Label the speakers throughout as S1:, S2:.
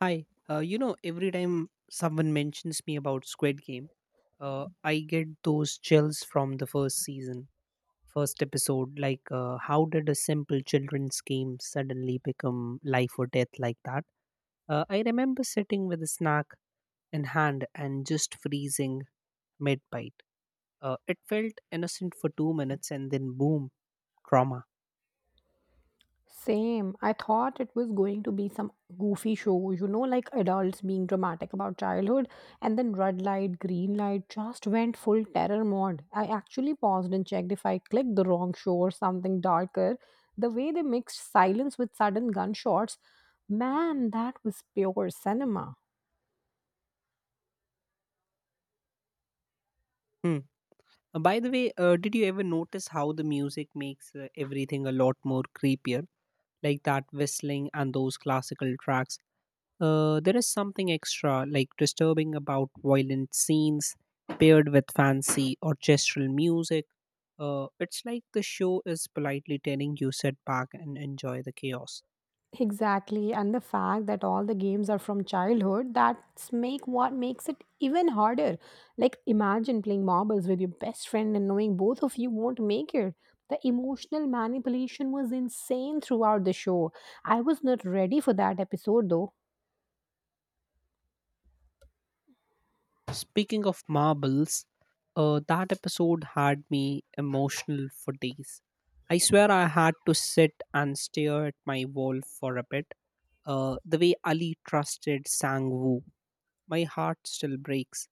S1: Hi. Every time someone mentions me about Squid Game, I get those chills from the first season, first episode. How did a simple children's game suddenly become life or death like that? I remember sitting with a snack in hand and just freezing mid bite. It felt innocent for 2 minutes and then boom, trauma.
S2: Same. I thought it was going to be some goofy show, you know, like adults being dramatic about childhood, and then red light, green light just went full terror mode. I actually paused and checked if I clicked the wrong show or something darker. The way they mixed silence with sudden gunshots, man, that was pure cinema.
S1: Hmm. By the way, did you ever notice how the music makes everything a lot more creepier? Like that whistling and those classical tracks. There is something extra, like disturbing, about violent scenes paired with fancy orchestral music. It's like the show is politely telling you sit back and enjoy the chaos.
S2: Exactly, and the fact that all the games are from childhood, that's make what makes it even harder. Like imagine playing marbles with your best friend and knowing both of you won't make it. The emotional manipulation was insane throughout the show. I was not ready for that episode though.
S1: Speaking of marbles, that episode had me emotional for days. I swear I had to sit and stare at my wall for a bit. The way Ali trusted Sang Woo, my heart still breaks.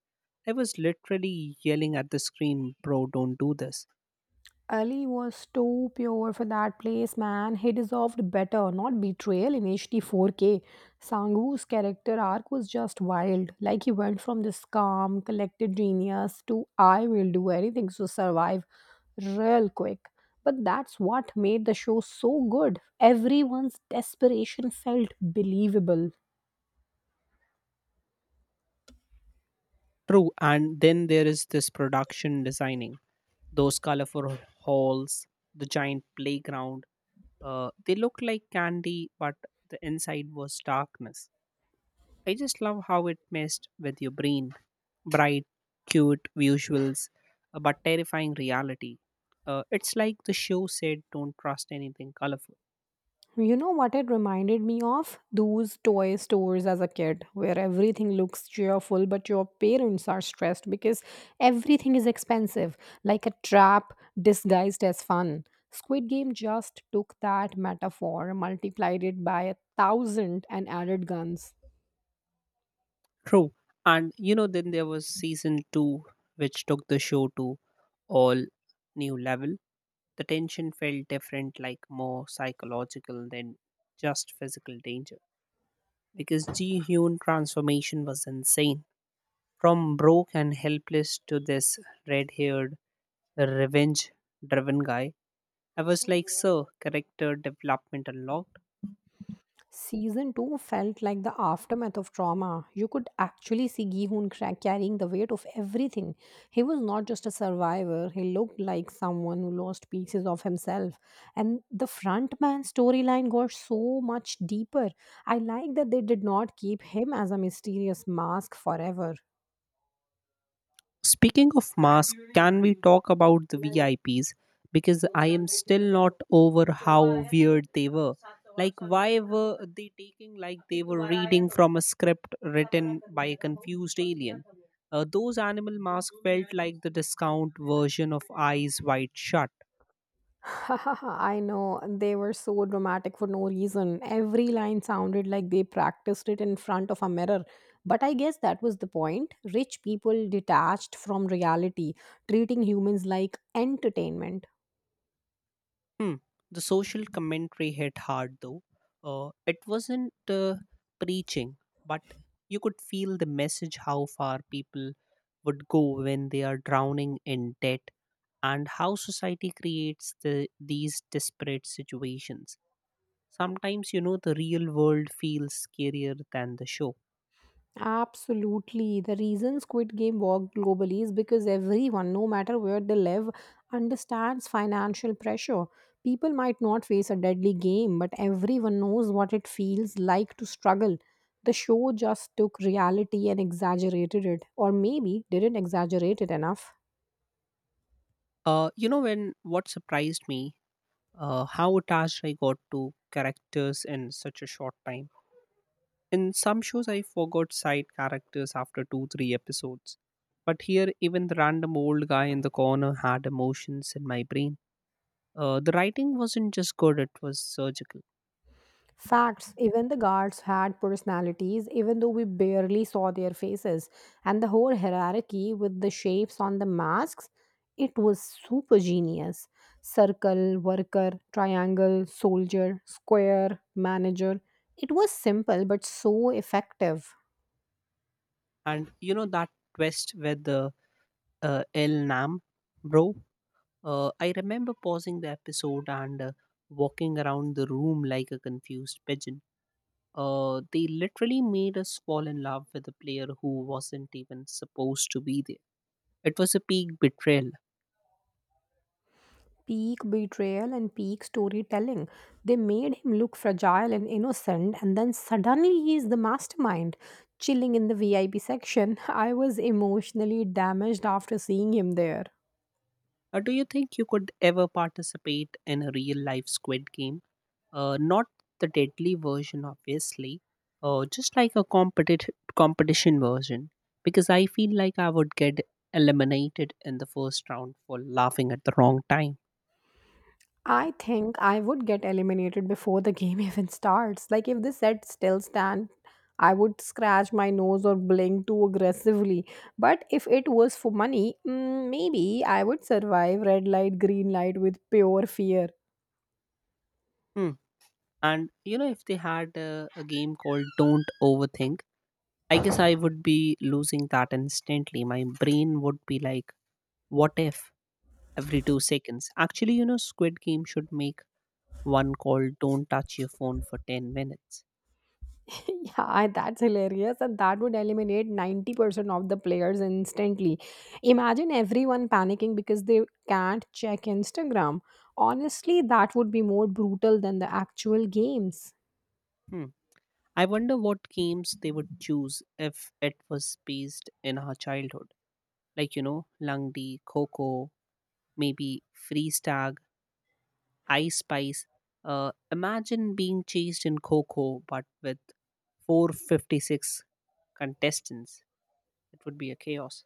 S1: I was literally yelling at the screen, bro, don't do this.
S2: Ali was too pure for that place, man. He deserved better, not betrayal in HD 4K. Sanghu's character arc was just wild. Like he went from this calm, collected genius to I will do anything to survive real quick. But that's what made the show so good. Everyone's desperation felt believable.
S1: True, and then there is this production designing. Those colorful halls, the giant playground, they look like candy, but the inside was darkness. I just love how it messed with your brain. Bright, cute visuals, but terrifying reality. It's like the show said, don't trust anything colorful.
S2: You know what it reminded me of? Those toy stores as a kid, where everything looks cheerful, but your parents are stressed because everything is expensive, like a trap disguised as fun. Squid Game just took that metaphor, multiplied it by a thousand, and added guns.
S1: True. And you know, then there was season two, which took the show to all new level. The tension felt different, like more psychological than just physical danger. Because Ji Hyun transformation was insane. From broke and helpless to this red haired, revenge driven guy. I was like, sir, character development unlocked.
S2: Season 2 felt like the aftermath of trauma. You could actually see carrying the weight of everything. He was not just a survivor, he looked like someone who lost pieces of himself. And the frontman storyline got so much deeper. I like that they did not keep him as a mysterious mask forever.
S1: Speaking of masks, can we talk about the VIPs? Because I am still not over how weird they were. Like, why were they taking like they were reading from a script written by a confused alien? Those animal masks felt like the discount version of Eyes Wide Shut.
S2: I know, they were so dramatic for no reason. Every line sounded like they practiced it in front of a mirror. But I guess that was the point. Rich people detached from reality, treating humans like entertainment.
S1: Hmm. The social commentary hit hard though. It wasn't preaching, but you could feel the message how far people would go when they are drowning in debt and how society creates the, these desperate situations. Sometimes, you know, the real world feels scarier than the show.
S2: Absolutely. The reason Squid Game worked globally is because everyone, no matter where they live, understands financial pressure. People might not face a deadly game, but everyone knows what it feels like to struggle. The show just took reality and exaggerated it, or maybe didn't exaggerate it enough.
S1: When what surprised me, how attached I got to characters in such a short time. In some shows, I forgot side characters after two, three episodes. But here, even the random old guy in the corner had emotions in my brain. The writing wasn't just good, it was surgical.
S2: Facts, even the guards had personalities, even though we barely saw their faces. And the whole hierarchy with the shapes on the masks, it was super genius. Circle, worker, triangle, soldier, square, manager. It was simple but so effective.
S1: And you know that twist with the El Nam, bro? I remember pausing the episode and walking around the room like a confused pigeon. They literally made us fall in love with a player who wasn't even supposed to be there. It was a peak betrayal.
S2: Peak betrayal and peak storytelling. They made him look fragile and innocent, and then suddenly he's the mastermind. Chilling in the VIP section, I was emotionally damaged after seeing him there.
S1: Do you think you could ever participate in a real life squid game? Not the deadly version, obviously, just like a competition version, because I feel like I would get eliminated in the first round for laughing at the wrong time.
S2: I think I would get eliminated before the game even starts. Like, if the set still stand, I would scratch my nose or blink too aggressively. But if it was for money, maybe I would survive red light, green light with pure fear.
S1: Hmm. And you know, if they had a game called Don't Overthink, I guess I would be losing that instantly. My brain would be like, what if every 2 seconds? Actually, you know, Squid Game should make one call, don't touch your phone for 10 minutes.
S2: Yeah, that's hilarious. And that would eliminate 90% of the players instantly. Imagine everyone panicking because they can't check Instagram. Honestly, that would be more brutal than the actual games.
S1: Hmm. I wonder what games they would choose if it was based in our childhood. Like, you know, Langdi, Coco, maybe Freeze Tag, Ice Spice. Imagine being chased in Coco, but with 456 contestants. It would be a chaos.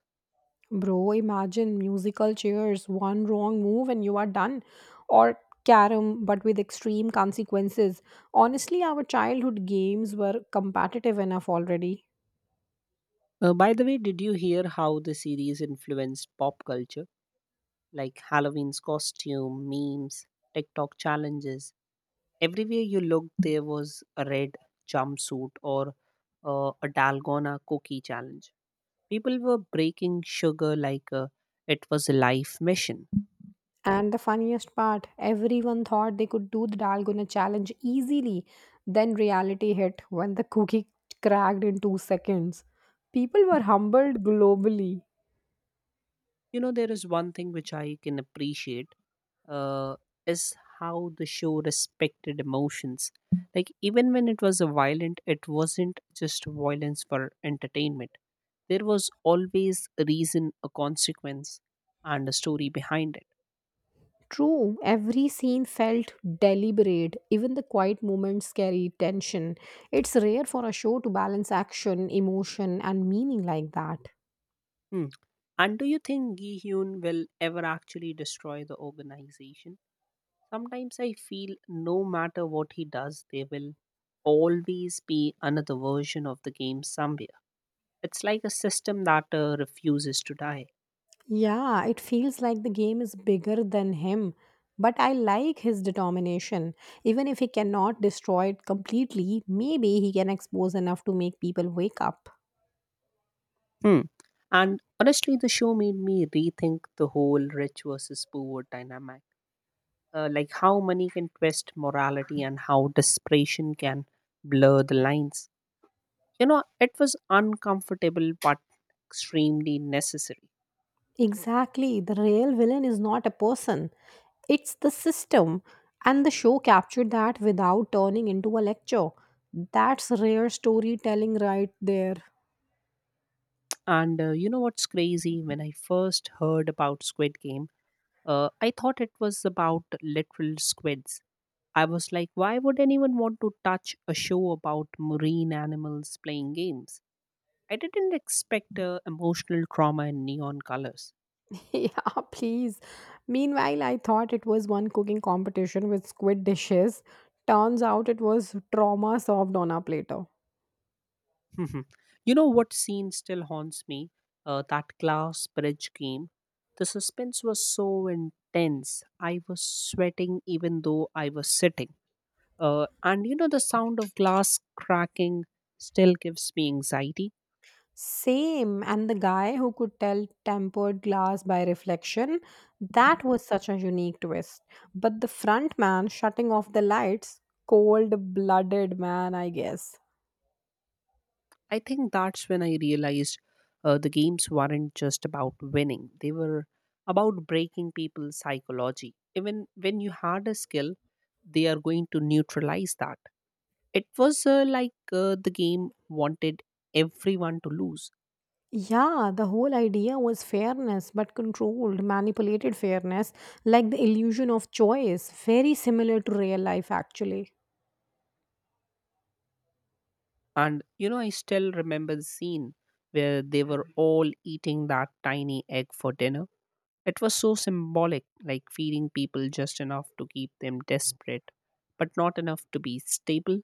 S2: Bro, imagine musical chairs, one wrong move and you are done. Or carom, but with extreme consequences. Honestly, our childhood games were competitive enough already.
S1: By the way, did you hear how the series influenced pop culture? Like Halloween's costume, memes, TikTok challenges. Everywhere you looked, there was a red jumpsuit or a Dalgona cookie challenge. People were breaking sugar like it was a life mission.
S2: And the funniest part, everyone thought they could do the dalgona challenge easily. Then reality hit when the cookie cracked in 2 seconds. People were humbled globally.
S1: You know, there is one thing which I can appreciate uh, is how the show respected emotions. Like, even when it was a violent, it wasn't just violence for entertainment. There was always a reason, a consequence, and a story behind it.
S2: True, every scene felt deliberate. Even the quiet moments carry tension. It's rare for a show to balance action, emotion, and meaning like that.
S1: Hmm. And do you think Gi Hyun will ever actually destroy the organization? Sometimes I feel no matter what he does, there will always be another version of the game somewhere. It's like a system that refuses to die.
S2: Yeah, it feels like the game is bigger than him. But I like his determination. Even if he cannot destroy it completely, maybe he can expose enough to make people wake up.
S1: Hmm. And honestly, the show made me rethink the whole rich versus poor dynamic. Like how money can twist morality and how desperation can blur the lines. You know, it was uncomfortable but extremely necessary.
S2: Exactly. The real villain is not a person, it's the system. And the show captured that without turning into a lecture. That's rare storytelling right there.
S1: And you know what's crazy? When I first heard about Squid Game, I thought it was about literal squids. I was like, why would anyone want to touch a show about marine animals playing games? I didn't expect emotional trauma in neon colors.
S2: Yeah, please. Meanwhile, I thought it was one cooking competition with squid dishes. Turns out it was trauma served on our platter.
S1: You know what scene still haunts me? That glass bridge game. The suspense was so intense. I was sweating even though I was sitting. And you know, the sound of glass cracking still gives me anxiety.
S2: Same. And the guy who could tell tempered glass by reflection, that was such a unique twist. But the front man shutting off the lights, cold blooded man, I guess.
S1: I think that's when I realized the games weren't just about winning, they were about breaking people's psychology. Even when you had a skill, they are going to neutralize that. It was like the game wanted everyone to lose.
S2: Yeah, the whole idea was fairness, but controlled, manipulated fairness, like the illusion of choice, very similar to real life, actually.
S1: And you know, I still remember the scene where they were all eating that tiny egg for dinner. It was so symbolic, like feeding people just enough to keep them desperate, but not enough to be stable.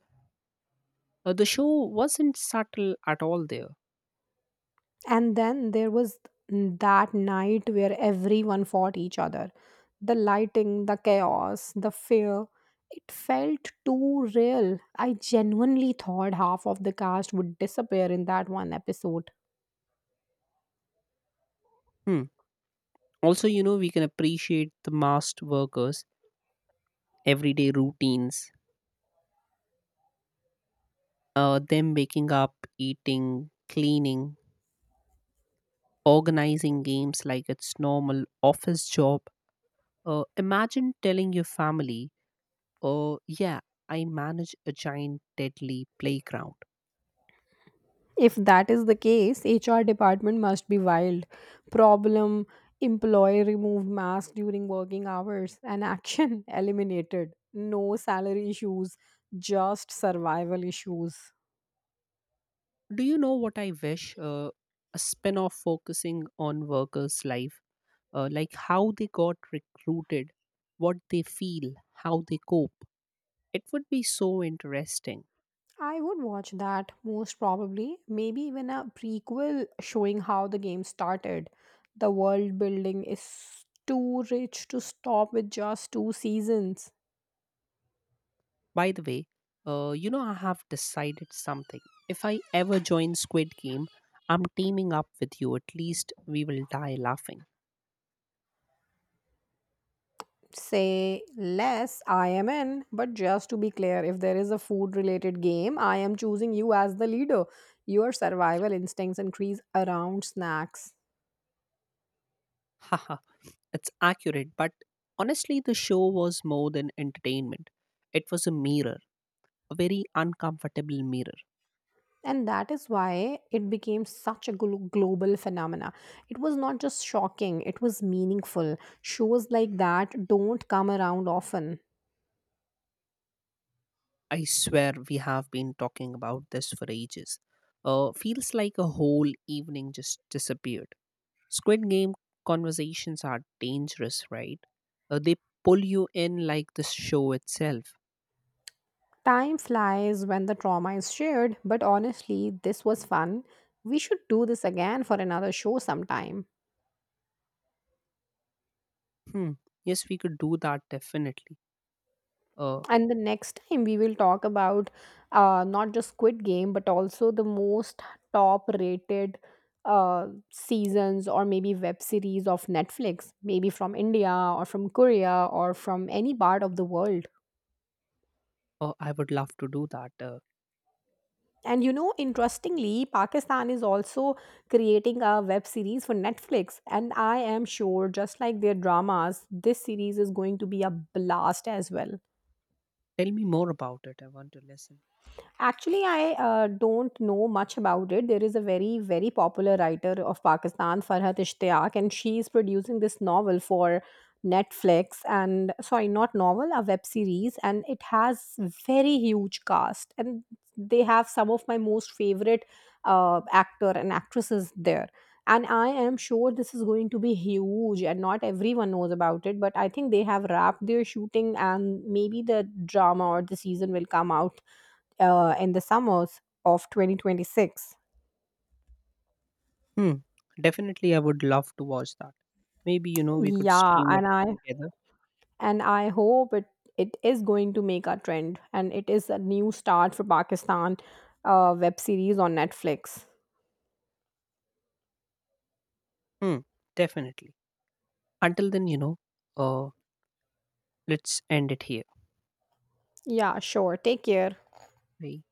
S1: The show wasn't subtle at all there.
S2: And then there was that night where everyone fought each other. The lighting, the chaos, the fear. It felt too real. I genuinely thought half of the cast would disappear in that one episode.
S1: Hmm. Also, you know, we can appreciate the masked workers' everyday routines, them waking up, eating, cleaning, organizing games like it's normal office job. Imagine telling your family, "Oh, yeah, I manage a giant deadly playground."
S2: If that is the case, HR department must be wild. Problem employee removed mask during working hours and action eliminated. No salary issues, just survival issues.
S1: Do you know what I wish? A spin-off focusing on workers' life, like how they got recruited, what they feel, how they cope. It would be so interesting.
S2: I would watch that most probably, maybe even a prequel showing how the game started. The world building is too rich to stop with just two seasons.
S1: By the way, I have decided something. If I ever join Squid Game, I'm teaming up with you. At least we will die laughing.
S2: Say less, I am in. But just to be clear, if there is a food related game, I am choosing you as the leader. Your survival instincts increase around snacks.
S1: Haha, it's accurate, but honestly, the show was more than entertainment. It was a mirror, a very uncomfortable mirror.
S2: And that is why it became such a global phenomena. It was not just shocking, it was meaningful. Shows like that don't come around often.
S1: I swear we have been talking about this for ages. Feels like a whole evening just disappeared. Squid Game conversations are dangerous, right? They pull you in like the show itself.
S2: Time flies when the trauma is shared, but honestly this was fun. We should do this again for another show sometime.
S1: Hmm. Yes, we could do that definitely. Uh,
S2: And the next time we will talk about, not just Squid Game, but also the most top rated seasons or maybe web series of Netflix, maybe from India or from Korea or from any part of the world.
S1: I would love to do that.
S2: And you know, interestingly, Pakistan is also creating a web series for Netflix. And I am sure, just like their dramas, this series is going to be a blast as well.
S1: Tell me more about it. I want to listen.
S2: Actually, I don't know much about it. There is a very, very popular writer of Pakistan, Farhat Ishtiaq, and she is producing this novel for Netflix. And sorry, not novel, a web series, and it has very huge cast, and they have some of my most favorite actor and actresses there. And I am sure this is going to be huge, and not everyone knows about it. But I think they have wrapped their shooting, and maybe the drama or the season will come out in the summers of 2026.
S1: Hmm. Definitely, I would love to watch that. Maybe you know we could
S2: Yeah,
S1: stream it
S2: and I
S1: together.
S2: and I hope it is going to make a trend and it is a new start for Pakistan web series on Netflix.
S1: Hmm. Definitely. Until then, you know. Uh, let's end it here.
S2: Yeah, sure. Take care.
S1: Bye.